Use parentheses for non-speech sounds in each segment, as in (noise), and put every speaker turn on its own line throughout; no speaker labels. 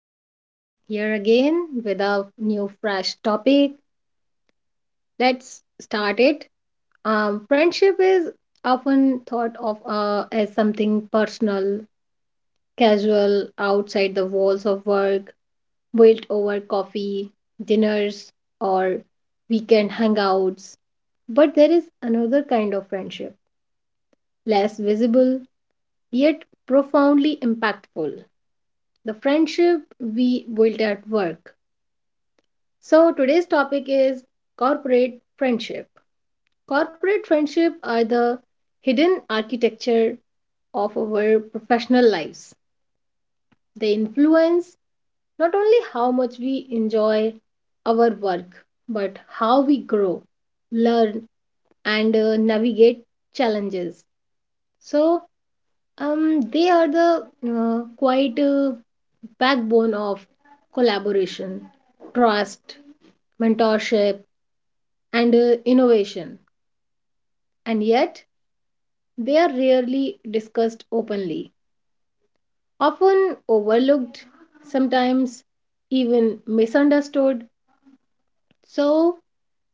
I'm here again with a new fresh topic. Let's start it. Friendship is often thought of as something personal, casual, outside the walls of work, built over coffee, dinners, or weekend hangouts. But there is another kind of friendship, less visible, yet profoundly impactful. The friendship we built at work. So, today's topic is corporate friendship. Corporate friendship are the hidden architecture of our professional lives. They influence not only how much we enjoy our work, but how we grow, learn, and navigate challenges. So, they are the quite backbone of collaboration, trust, mentorship, and innovation. And yet they are rarely discussed openly, often overlooked, sometimes even misunderstood. So,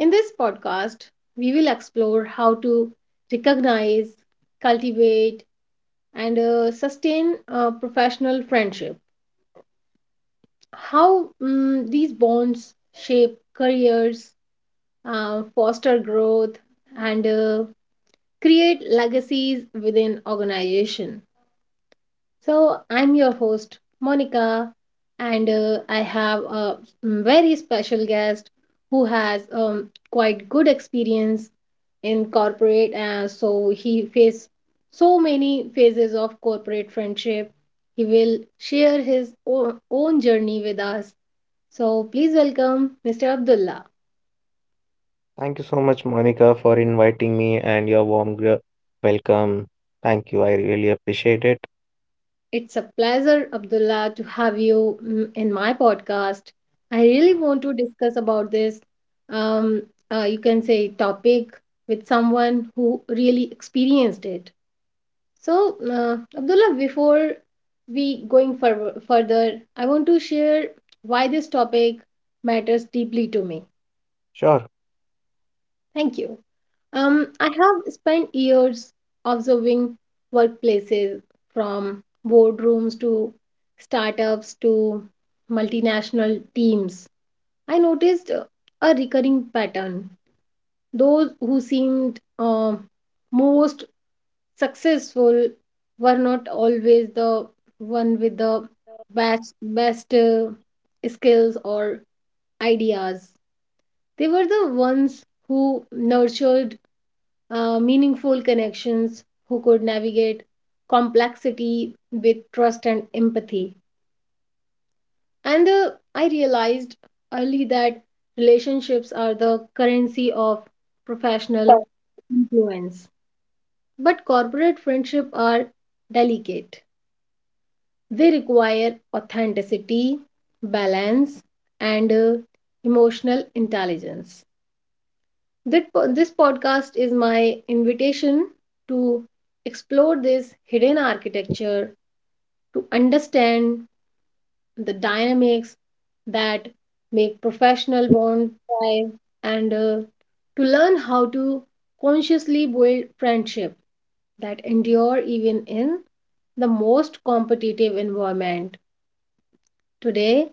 in this podcast, we will explore how to recognize, cultivate, and sustain professional friendship, how these bonds shape careers, foster growth, and create legacies within organization. So, I'm your host, Monica, and I have a very special guest who has quite good experience in corporate. So, he faced so many phases of corporate friendship. He will share his own journey with us. So, please welcome Mr. Abdullah.
Thank you so much, Monica, for inviting me and your warm welcome. Thank you. I really appreciate it.
It's a pleasure, Abdullah, to have you in my podcast. I really want to discuss about this, um, you can say, topic with someone who really experienced it. So, Abdullah, before we going further, I want to share why this topic matters deeply to me.
Sure.
Thank you. I have spent years observing workplaces from boardrooms to startups to multinational teams. I noticed a recurring pattern. Those who seemed most successful were not always the one with the best skills or ideas. They were the ones who nurtured meaningful connections who could navigate complexity with trust and empathy. And I realized early that relationships are the currency of professional influence. But corporate friendship are delicate. They require authenticity, balance, and emotional intelligence. This podcast is my invitation to explore this hidden architecture, to understand the dynamics that make professional bonds thrive, and to learn how to consciously build friendship that endure even in the most competitive environment. Today,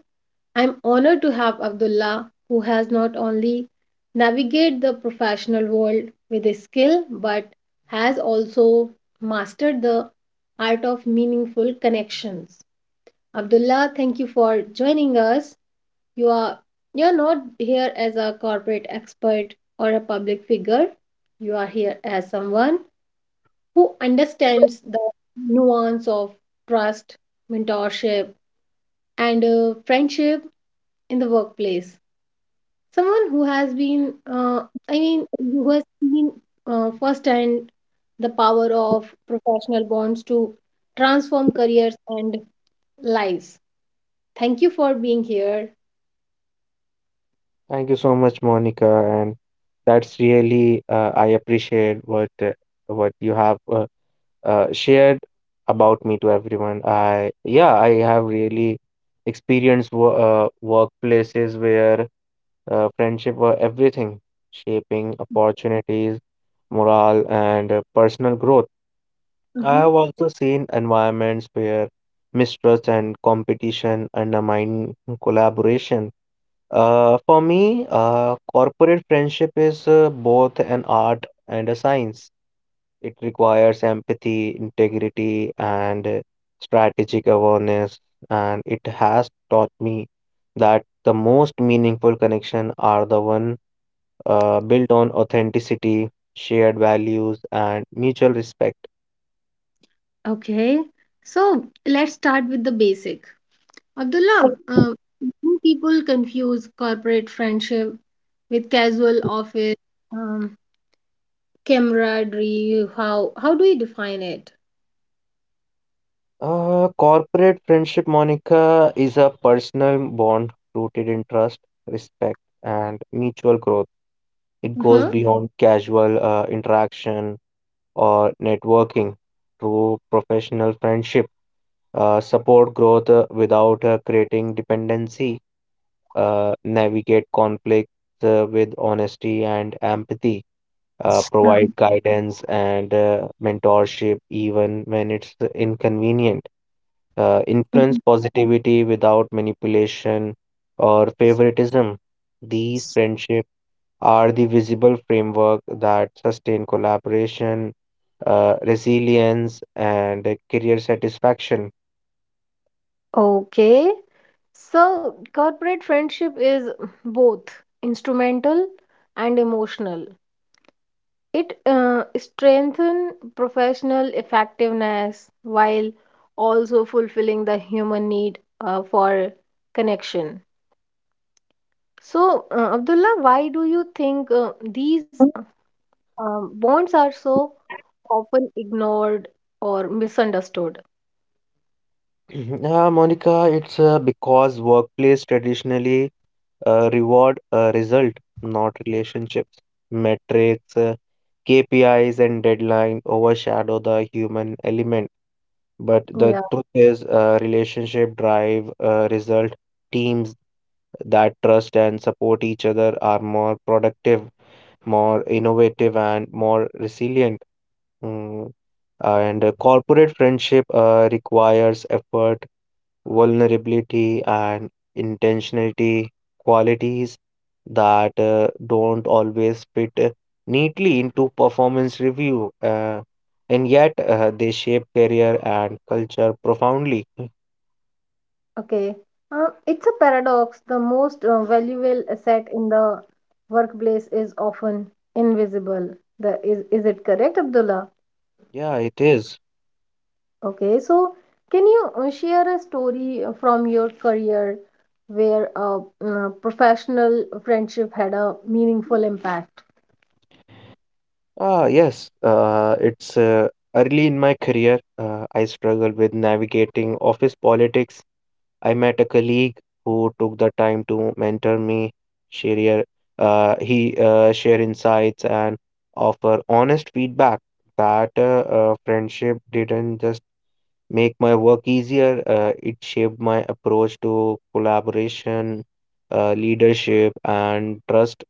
I'm honored to have Abdullah, who has not only navigated the professional world with a skill but has also mastered the art of meaningful connections. Abdullah, thank you for joining us. You are you're not here as a corporate expert or a public figure. You are here as someone who understands the nuance of trust, mentorship, and friendship in the workplace. Someone who has been who has seen firsthand the power of professional bonds to transform careers and lives. Thank you for being here.
Thank you so much, Monica. And that's really, I appreciate what you have shared about me to everyone. I have really experienced workplaces where friendship were everything, shaping opportunities, morale, and personal growth. I
Mm-hmm.
have also seen environments where mistrust and competition undermine collaboration. For me, corporate friendship is both an art and a science. It requires empathy, integrity, and strategic awareness, and it has taught me that the most meaningful connection are the one built on authenticity, shared values, and mutual respect.
Okay. So let's start with the basic. Abdullah, do people confuse corporate friendship with casual office um, camaraderie? How do you define it?
Corporate friendship, Monica, is a personal bond rooted in trust, respect, and mutual growth. It goes
Uh-huh.
beyond casual interaction or networking. True professional friendship support growth without creating dependency, navigate conflicts with honesty and empathy,
Uh-huh.
provide guidance and mentorship even when it's inconvenient, influence
Mhm.
positivity without manipulation or favoritism. These friendships are the visible framework that sustain collaboration, resilience, and career satisfaction. (clears throat)
Okay. So, corporate friendship is both instrumental and emotional. It strengthens professional effectiveness while also fulfilling the human need for connection. So, Abdullah, why do you think these bonds are so often ignored or misunderstood?
Yeah, Monica, it's because workplace traditionally reward result, not relationships. Metrics, KPIs, and deadline overshadow the human element. But the
Yeah.
truth is, relationship drive result. Teams that trust and support each other are more productive, more innovative, and more resilient. Mm, And corporate friendship requires effort, vulnerability, and intentionality, qualities that don't always fit neatly into performance review, and yet they shape career and culture profoundly.
Okay. It's a paradox. The most valuable asset in the workplace is often invisible. Is it correct, Abdullah?
Yeah, it is.
Okay. So, can you share a story from your career where a professional friendship had a meaningful impact?
Ah, yes. It's Early in my career, I struggled with navigating office politics. I met a colleague who took the time to mentor me, share he share insights and offer honest feedback. That friendship didn't just make my work easier; it shaped my approach to collaboration, leadership, and trust.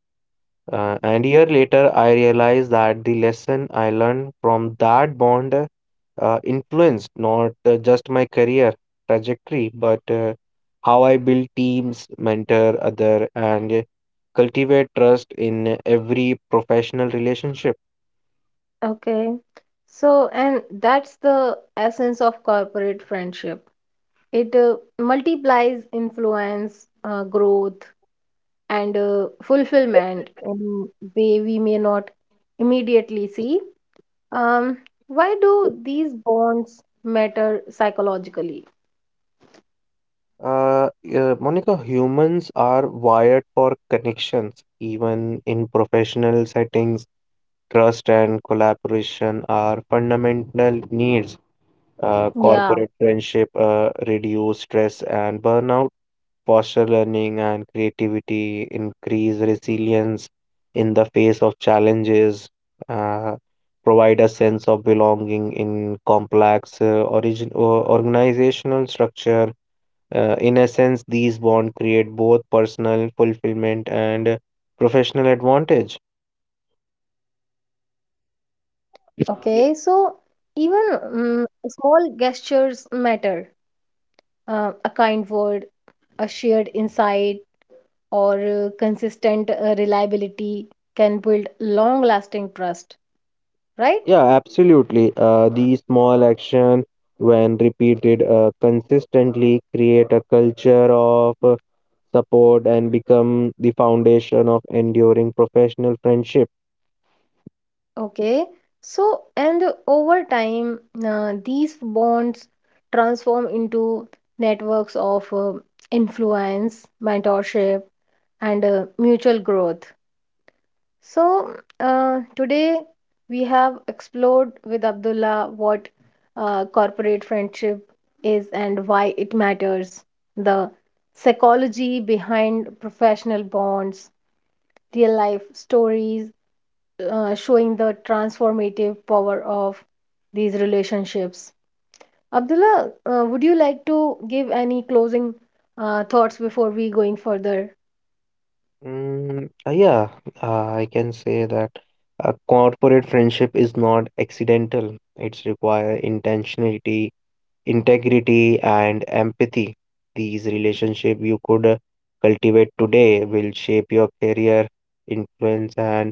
And year later, I realized that the lesson I learned from that bond influenced not just my career trajectory, but how I build teams, mentor other, and cultivate trust in every professional relationship.
Okay. So, and that's the essence of corporate friendship. It multiplies influence, growth, and fulfillment in way we may not immediately see. Um, why do these bonds matter psychologically?
Monica, humans are wired for connections, even in professional settings. Trust and collaboration are fundamental needs.
Yeah,
Corporate friendship reduce stress and burnout, foster learning and creativity, increase resilience in the face of challenges, uh, provide a sense of belonging in complex origin, or organizational structure. In essence, these bonds create both personal fulfillment and professional advantage.
okay. So even small gestures matter. A kind word, a shared insight, or consistent reliability can build long-lasting trust, right?
Yeah, absolutely. The small action, when repeated consistently, create a culture of support and become the foundation of enduring professional friendship.
Okay, so and over time, these bonds transform into networks of influence, mentorship, and mutual growth. So, today we have explored with Abdullah what corporate friendship is and why it matters, the psychology behind professional bonds, real life stories, showing the transformative power of these relationships. Abdullah, would you like to give any closing thoughts before we going further?
Yeah, I can say that a corporate friendship is not accidental. It's require intentionality, integrity, and empathy. These relationship you could cultivate today will shape your career, influence, and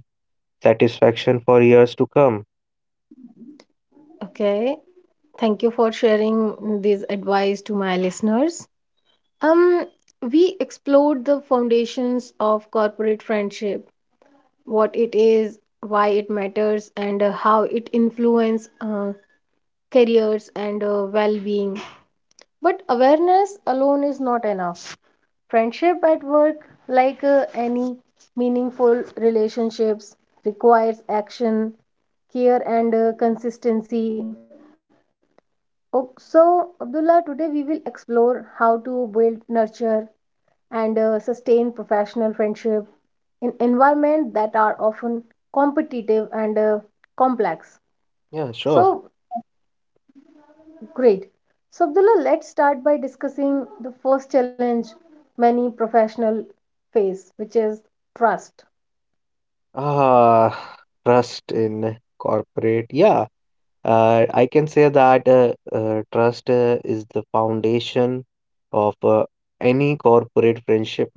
satisfaction for years to come.
Okay, thank you for sharing this advice to my listeners. Um, we explored the foundations of corporate friendship, what it is, why it matters, and how it influences careers and well-being. But awareness alone is not enough. Friendship at work, like any meaningful relationships, requires action, care, and consistency. Oh, so, Abdullah, today we will explore how to build, nurture, and sustain professional friendship in environments that are often competitive and complex.
Yeah, sure.
So, great. So, Abdullah, let's start by discussing the first challenge many professionals face, which is trust.
Ah, trust in corporate. Yeah, I can say that trust is the foundation of any corporate friendship.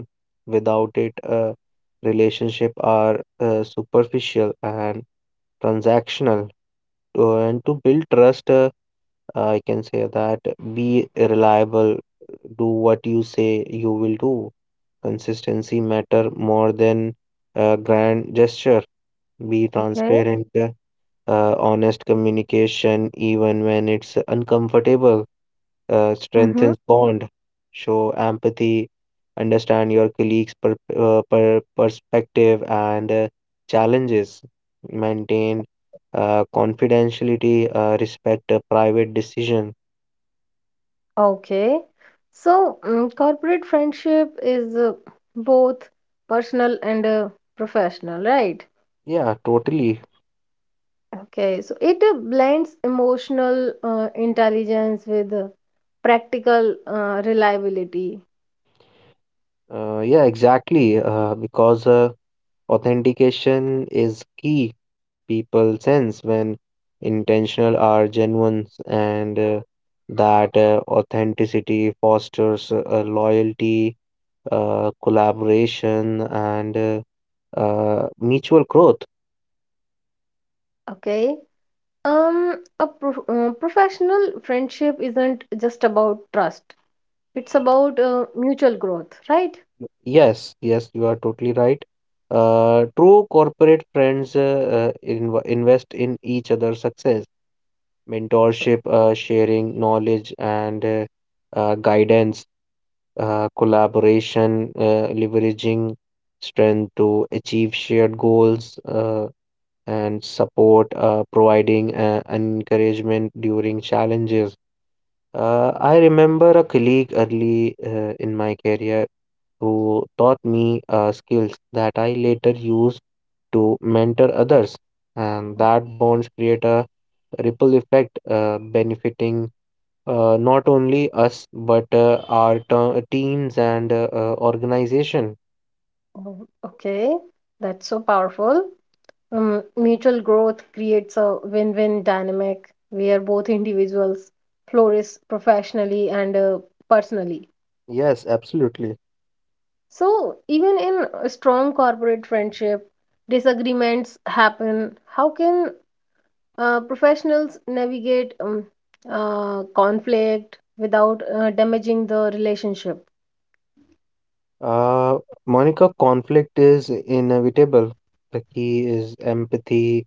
Without it, relationship are superficial and transactional. And to build trust, I can say that be reliable, do what you say you will do. Consistency matter more than a grand gesture. Be
Okay.
transparent, honest communication, even when it's uncomfortable,
Mm-hmm.
strengthens bond. Show empathy, understand your colleagues' perspective and challenges. Maintain confidentiality, respect a private decision.
Okay. So, corporate friendship is both personal and professional, right?
Yeah, totally.
Okay. So, it blends emotional intelligence with practical reliability.
Yeah, exactly. Because authentication is key. People sense when intentional are genuine, and that authenticity fosters loyalty, collaboration, and mutual growth.
Okay. Um, a professional friendship isn't just about trust, it's about mutual growth, right?
Yes, yes, you are totally right. True corporate friends invest in each other's success: mentorship, sharing knowledge and guidance, collaboration, leveraging strength to achieve shared goals, and support, providing encouragement during challenges. I remember a colleague early in my career who taught me skills that I later used to mentor others, and that bonds create a ripple effect, benefiting not only us but our teams and organization.
Oh, okay. That's so powerful. Mutual growth creates a win win dynamic where both individuals flourish professionally and personally.
Yes, absolutely.
So, even in a strong corporate friendship, disagreements happen. How can professionals navigate conflict without damaging the relationship?
Uh, Monica, conflict is inevitable. The key is empathy,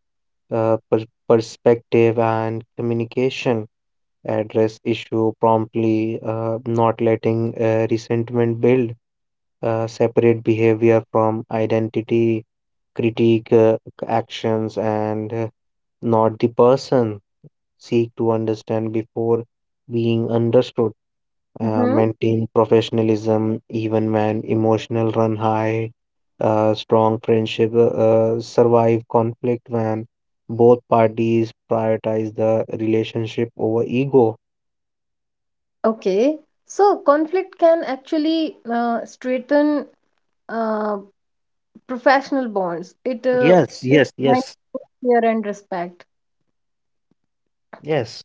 perspective, and communication. Address issue promptly, not letting resentment build. Separate behavior from identity, critique actions, and not the person. Seek to understand before being understood,
Hmm.
maintain professionalism even when emotional run high. Strong friendship survive conflict when both parties prioritize the relationship over ego.
Okay. So, conflict can actually strengthen uh, professional bonds. It
Yes, yes, yes,
Fear and respect.
yes.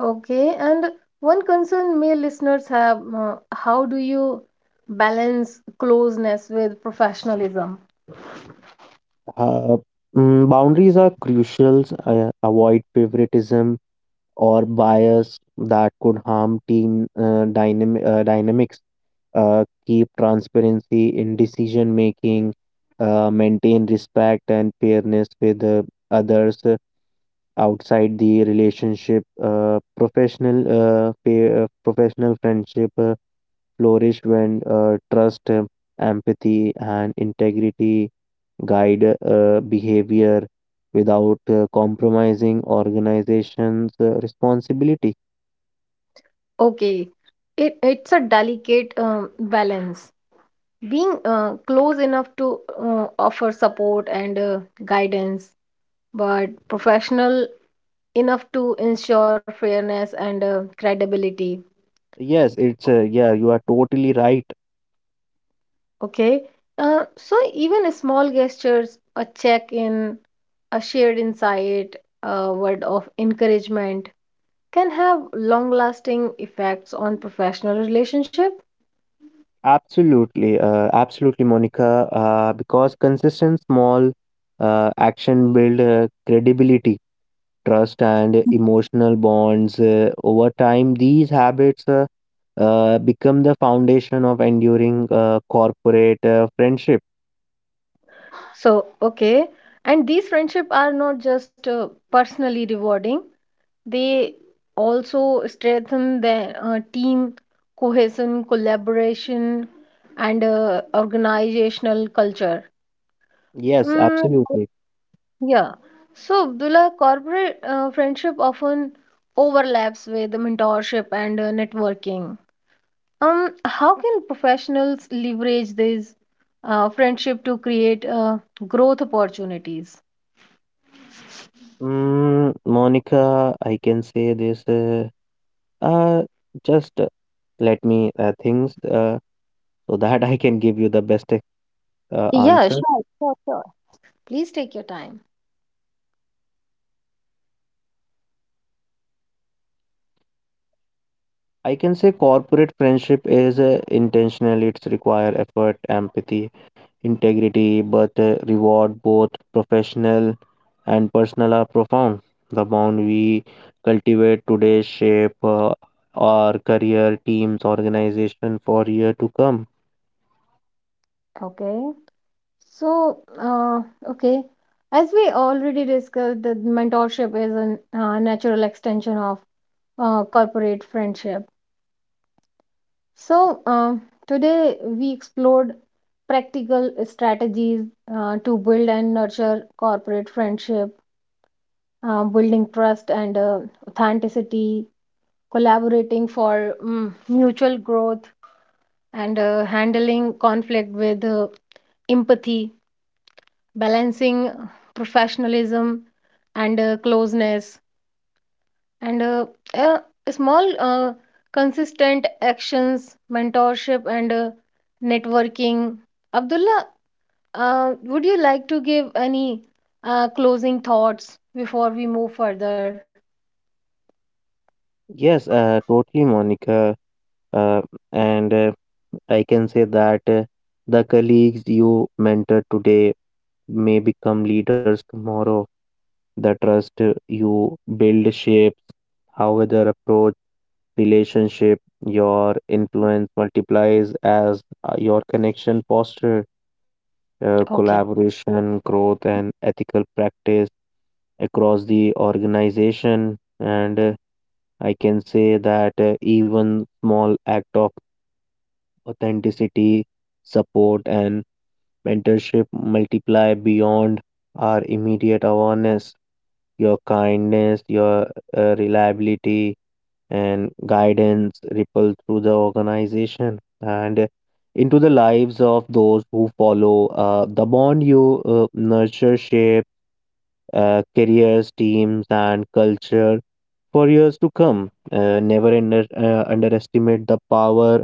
Okay, and one concern male listeners have, how do you balance closeness with professionalism?
Uh, Boundaries are crucial. Avoid favoritism or bias that could harm team dynamics, keep transparency in decision making, maintain respect and fairness with others outside the relationship. Professional professional friendship flourish when trust, empathy, and integrity guide behavior without compromising organization's responsibility.
Okay, it's a delicate balance. Being close enough to offer support and guidance, but professional enough to ensure fairness and credibility.
Yes, it's yeah, you are totally right.
Okay. So even small gestures, a check-in, a shared insight, a word of encouragement can have long-lasting effects on professional relationship.
Absolutely, absolutely, Monica. Because consistent small action build credibility, trust, and emotional bonds. Over time, these habits become the foundation of enduring corporate friendship.
So, okay. And these friendship are not just personally rewarding, they also strengthen the team cohesion, collaboration, and organizational culture.
Yes,
Mm,
absolutely.
yeah. So, Abdullah, corporate friendship often overlaps with mentorship and networking. How can professionals leverage this friendship to create growth opportunities?
Monica, I can say this. Uh, just Let me things so (laughs) that I can give you the best
Yeah,
answer.
sure, sure, sure. Please take your time.
I can say corporate friendship is intentional. It's require effort, empathy, integrity, but reward both professional and personal are profound. The bond we cultivate today shape our career, teams, organization for year to come.
Okay. So, uh, okay. As we already discussed, that mentorship is a natural extension of corporate friendship. So, today we explored practical strategies to build and nurture corporate friendship, building trust and authenticity, collaborating for mutual growth, and handling conflict with empathy, balancing professionalism and closeness, and uh, small, uh, consistent actions, mentorship, and networking. Abdullah, would you like to give any closing thoughts before we move further?
Yes, totally, Monica. Uh, and I can say that the colleagues you mentor today may become leaders tomorrow. The trust you build shapes how other approach relationship. Your influence multiplies as your connection foster
Okay,
collaboration, growth, and ethical practice across the organization, and I can say that even small act of authenticity, support, and mentorship multiply beyond our immediate awareness. Your kindness, your reliability, and guidance ripple through the organization and into the lives of those who follow. The bond you nurture shape careers, teams, and culture for years to come. Never underestimate the power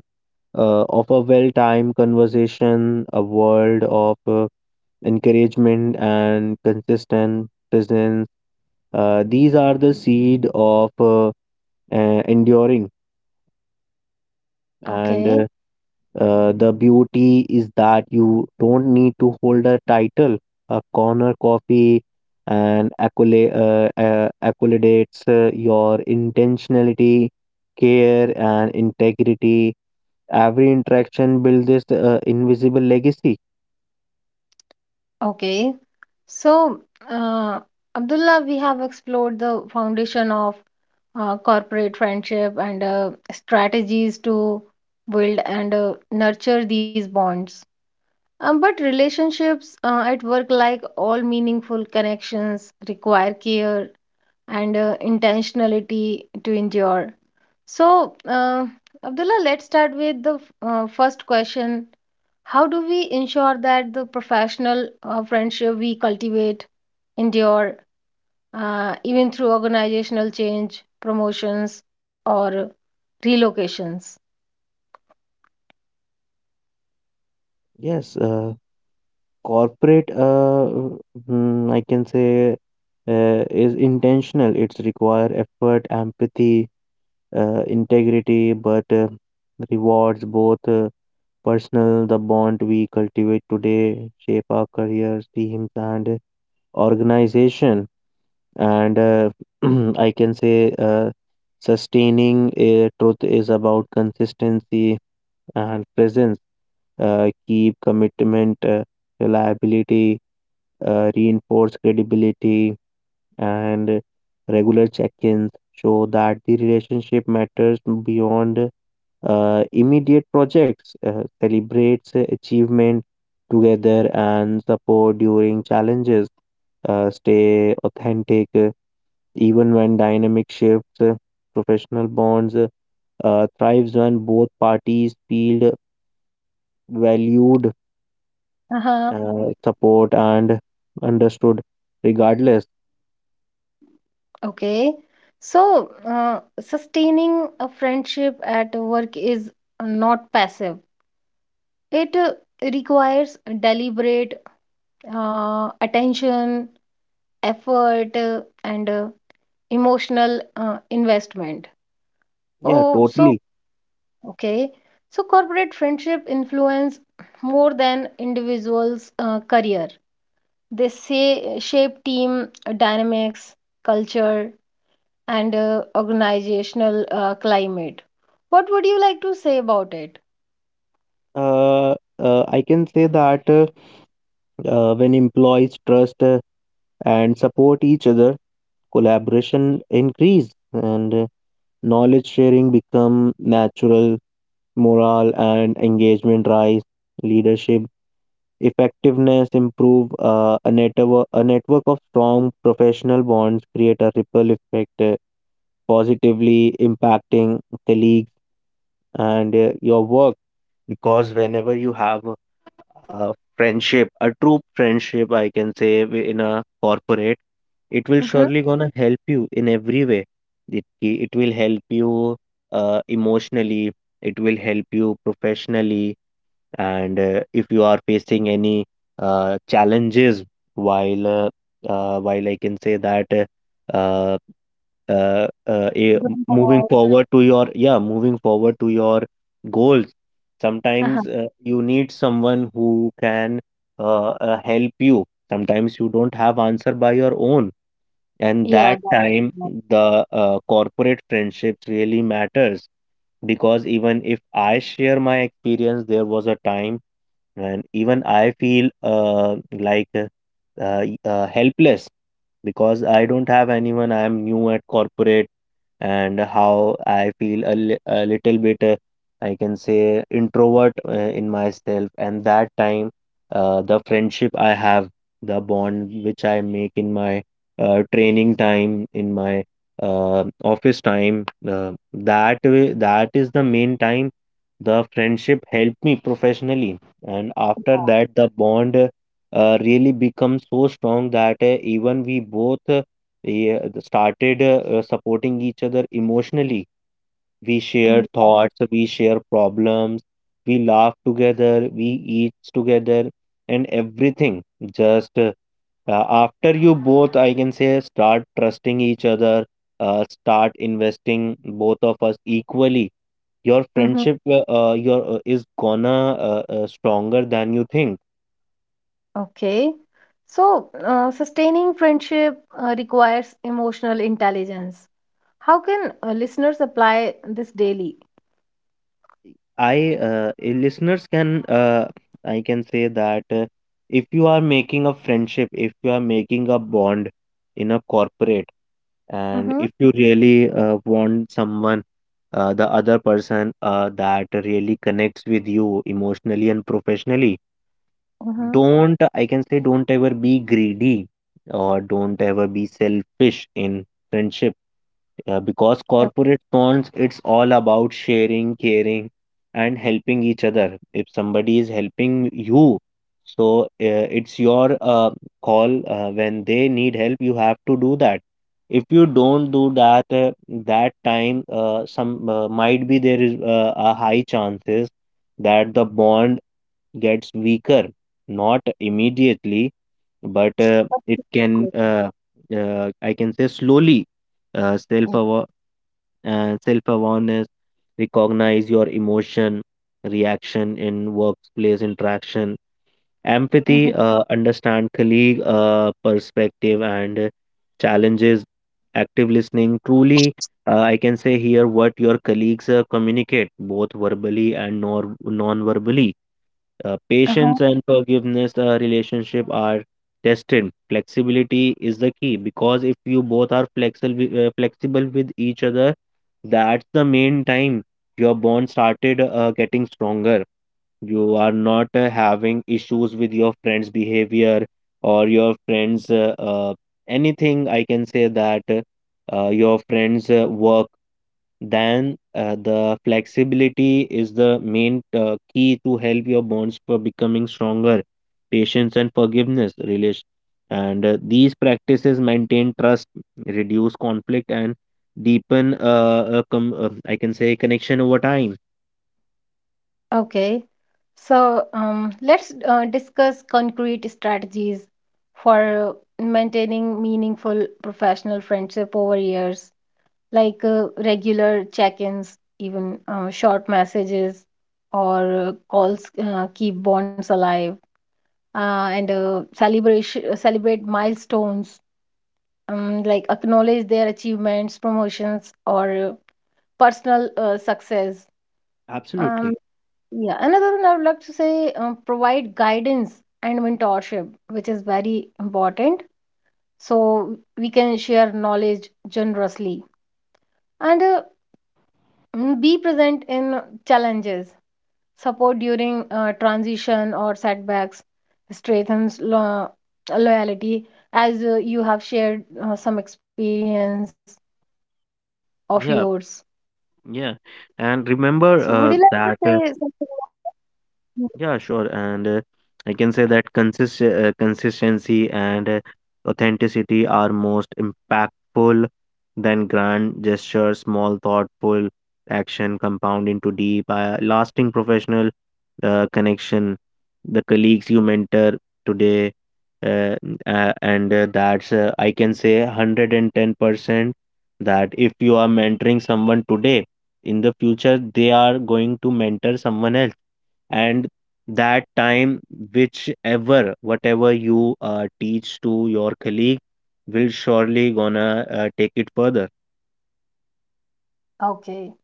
of a well-timed conversation, a world of encouragement, and consistent presence. These are the seed of enduring and
okay,
The beauty is that you don't need to hold a title, a corner coffee, and accolades, your intentionality, care, and integrity. Every interaction builds this invisible legacy.
okay. So, uh, Abdullah, we have explored the foundation of corporate friendship and strategies to build and nurture these bonds. But relationships at work, like all meaningful connections, require care and intentionality to endure. So, Abdullah, let's start with the first question. How do we ensure that the professional friendship we cultivate endure even through organizational change, promotions, or relocations?
Yes, corporate, I can say, is intentional. It's require effort, empathy, integrity, but rewards both. Personal, the bond we cultivate today shape our careers, teams, and organization. And (clears throat) I can say, sustaining a truth is about consistency and presence. Keep commitment, reliability, reinforce credibility, and regular check-ins show that the relationship matters beyond immediate projects, celebrates achievement together, and support during challenges. Stay authentic even when dynamic shifts. Professional bonds thrives when both parties feel valued,
Uh-huh.
support, and understood. Regardless.
Okay. So, sustaining a friendship at work is not passive. It requires deliberate attention, effort, and emotional investment.
Yeah,
Oh, so
totally.
okay. So corporate friendship influence more than individuals' career. They say shape team dynamics, culture, and organizational climate. What would you like to say about it?
I can say that when employees trust and support each other, collaboration increased, and knowledge sharing become natural, morale and engagement rise, leadership effectiveness improve, a network of strong professional bonds create a ripple effect, positively impacting colleagues and your work. Because whenever you have a friendship, a true friendship, I can say, in a corporate, it will
Mm-hmm.
surely gonna help you in every way. It it will help you emotionally. It will help you professionally, and if you are facing any challenges while while I can say that uh, moving forward to your goals,
Uh-huh.
sometimes you need someone who can help you. Sometimes you don't have answer by your own, and that
Yeah.
time the corporate friendships really matters, because even if I share my experience, there was a time, and even I feel like helpless, because I don't have anyone. I am new at corporate, and how I feel a little bit, I can say, introvert in myself. And that time, the friendship I have, the bond which I make in my training time, in my office time. That way, that is the main time the friendship helped me professionally, and after that, the bond really becomes so strong that even we both started supporting each other emotionally. We share
Mm-hmm.
thoughts, we share problems, we laugh together, we eat together, and everything just. After you both, I can say, start trusting each other, start investing both of us equally. Your
Mm-hmm.
friendship, your is gonna, stronger than you think.
Okay. So, sustaining friendship requires emotional intelligence. How can listeners apply this daily?
Listeners can, I can say that if you are making a friendship, if you are making a bond in a corporate, and
Mm-hmm.
if you really want someone, the other person that really connects with you emotionally and professionally.
Mm-hmm.
Don't, I can say, don't ever be greedy or don't ever be selfish in friendship, because corporate bonds, it's all about sharing, caring, and helping each other. If somebody is helping you, so it's your call, when they need help, you have to do that. If you don't do that, that time, some, might be there is a high chances that the bond gets weaker, not immediately, but it can, I can say, slowly. Uh, self
Okay.
aware Self awareness, recognize your emotion, reaction in workplace interaction;
Mm-hmm.
empathy, understand colleague perspective and challenges; active listening. Truly, I can say, here what your colleagues communicate both verbally and nor non verbally.
Uh-huh.
Patience and forgiveness, relationship are tested. Flexibility is the key, because if you both are flexible, flexible with each other, that's the main time your bond started getting stronger. You are not having issues with your friend's behavior or your friend's anything. I can say that your friend's work, then the flexibility is the main key to help your bonds for becoming stronger, patience and forgiveness relation. And these practices maintain trust, reduce conflict, and deepen I can say connection over time.
Okay, so let's discuss concrete strategies for maintaining meaningful professional friendship over years, like regular check ins, even short messages or calls keep bonds alive, and celebrate milestones, like acknowledge their achievements, promotions, or personal success.
Absolutely.
Um, yeah, another one I would like to say, provide guidance and mentorship, which is very important. So we can share knowledge generously and be present in challenges, support during transition or setbacks, strengthens loyalty, as you have shared some experience of yours.
Yeah, yeah.
So would you like to
And
say
remember
something?
that.
Mm.
Yeah, sure. And I can say that consistency and authenticity are most impactful than grand gestures. Small, thoughtful action compound into deep, lasting professional connection. The colleagues you mentor today, uh, and that's, I can say, 110% that if you are mentoring someone today, in the future, they are going to mentor someone else, and that time, whichever, whatever you teach to your colleague will surely gonna take it further.
Okay.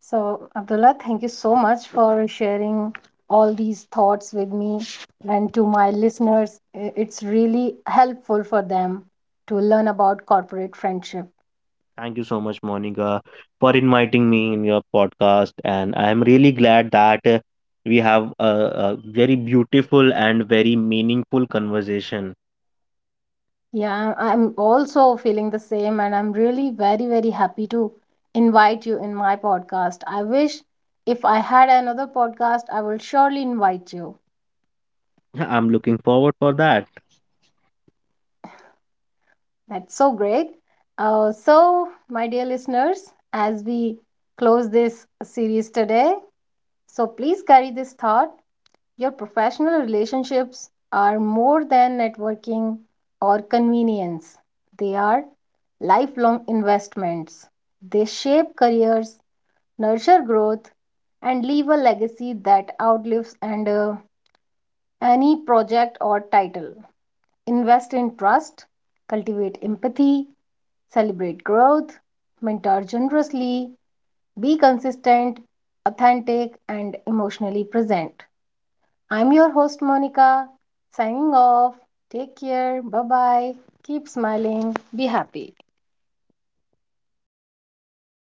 So, Abdullah, thank you so much for sharing all these thoughts with me and to my listeners. It's really helpful for them to learn about corporate friendship.
Thank you so much, Monica, for inviting me in your podcast, and I am really glad that we have a very beautiful and very meaningful conversation.
Yeah, I'm also feeling the same, and I'm really very, very happy to invite you in my podcast. I wish if I had another podcast, I will surely invite you.
(laughs) I'm looking forward for that.
That's so great. So, my dear listeners, as we close this series today, so please carry this thought. Your professional relationships are more than networking or convenience, they are lifelong investments. They shape careers, nurture growth, and leave a legacy that outlives and any project or title. Invest in trust, cultivate empathy, celebrate growth, mentor generously, be consistent, authentic, and emotionally present. I'm your host, Monica, signing off. Take care. Bye bye. Keep smiling. Be happy.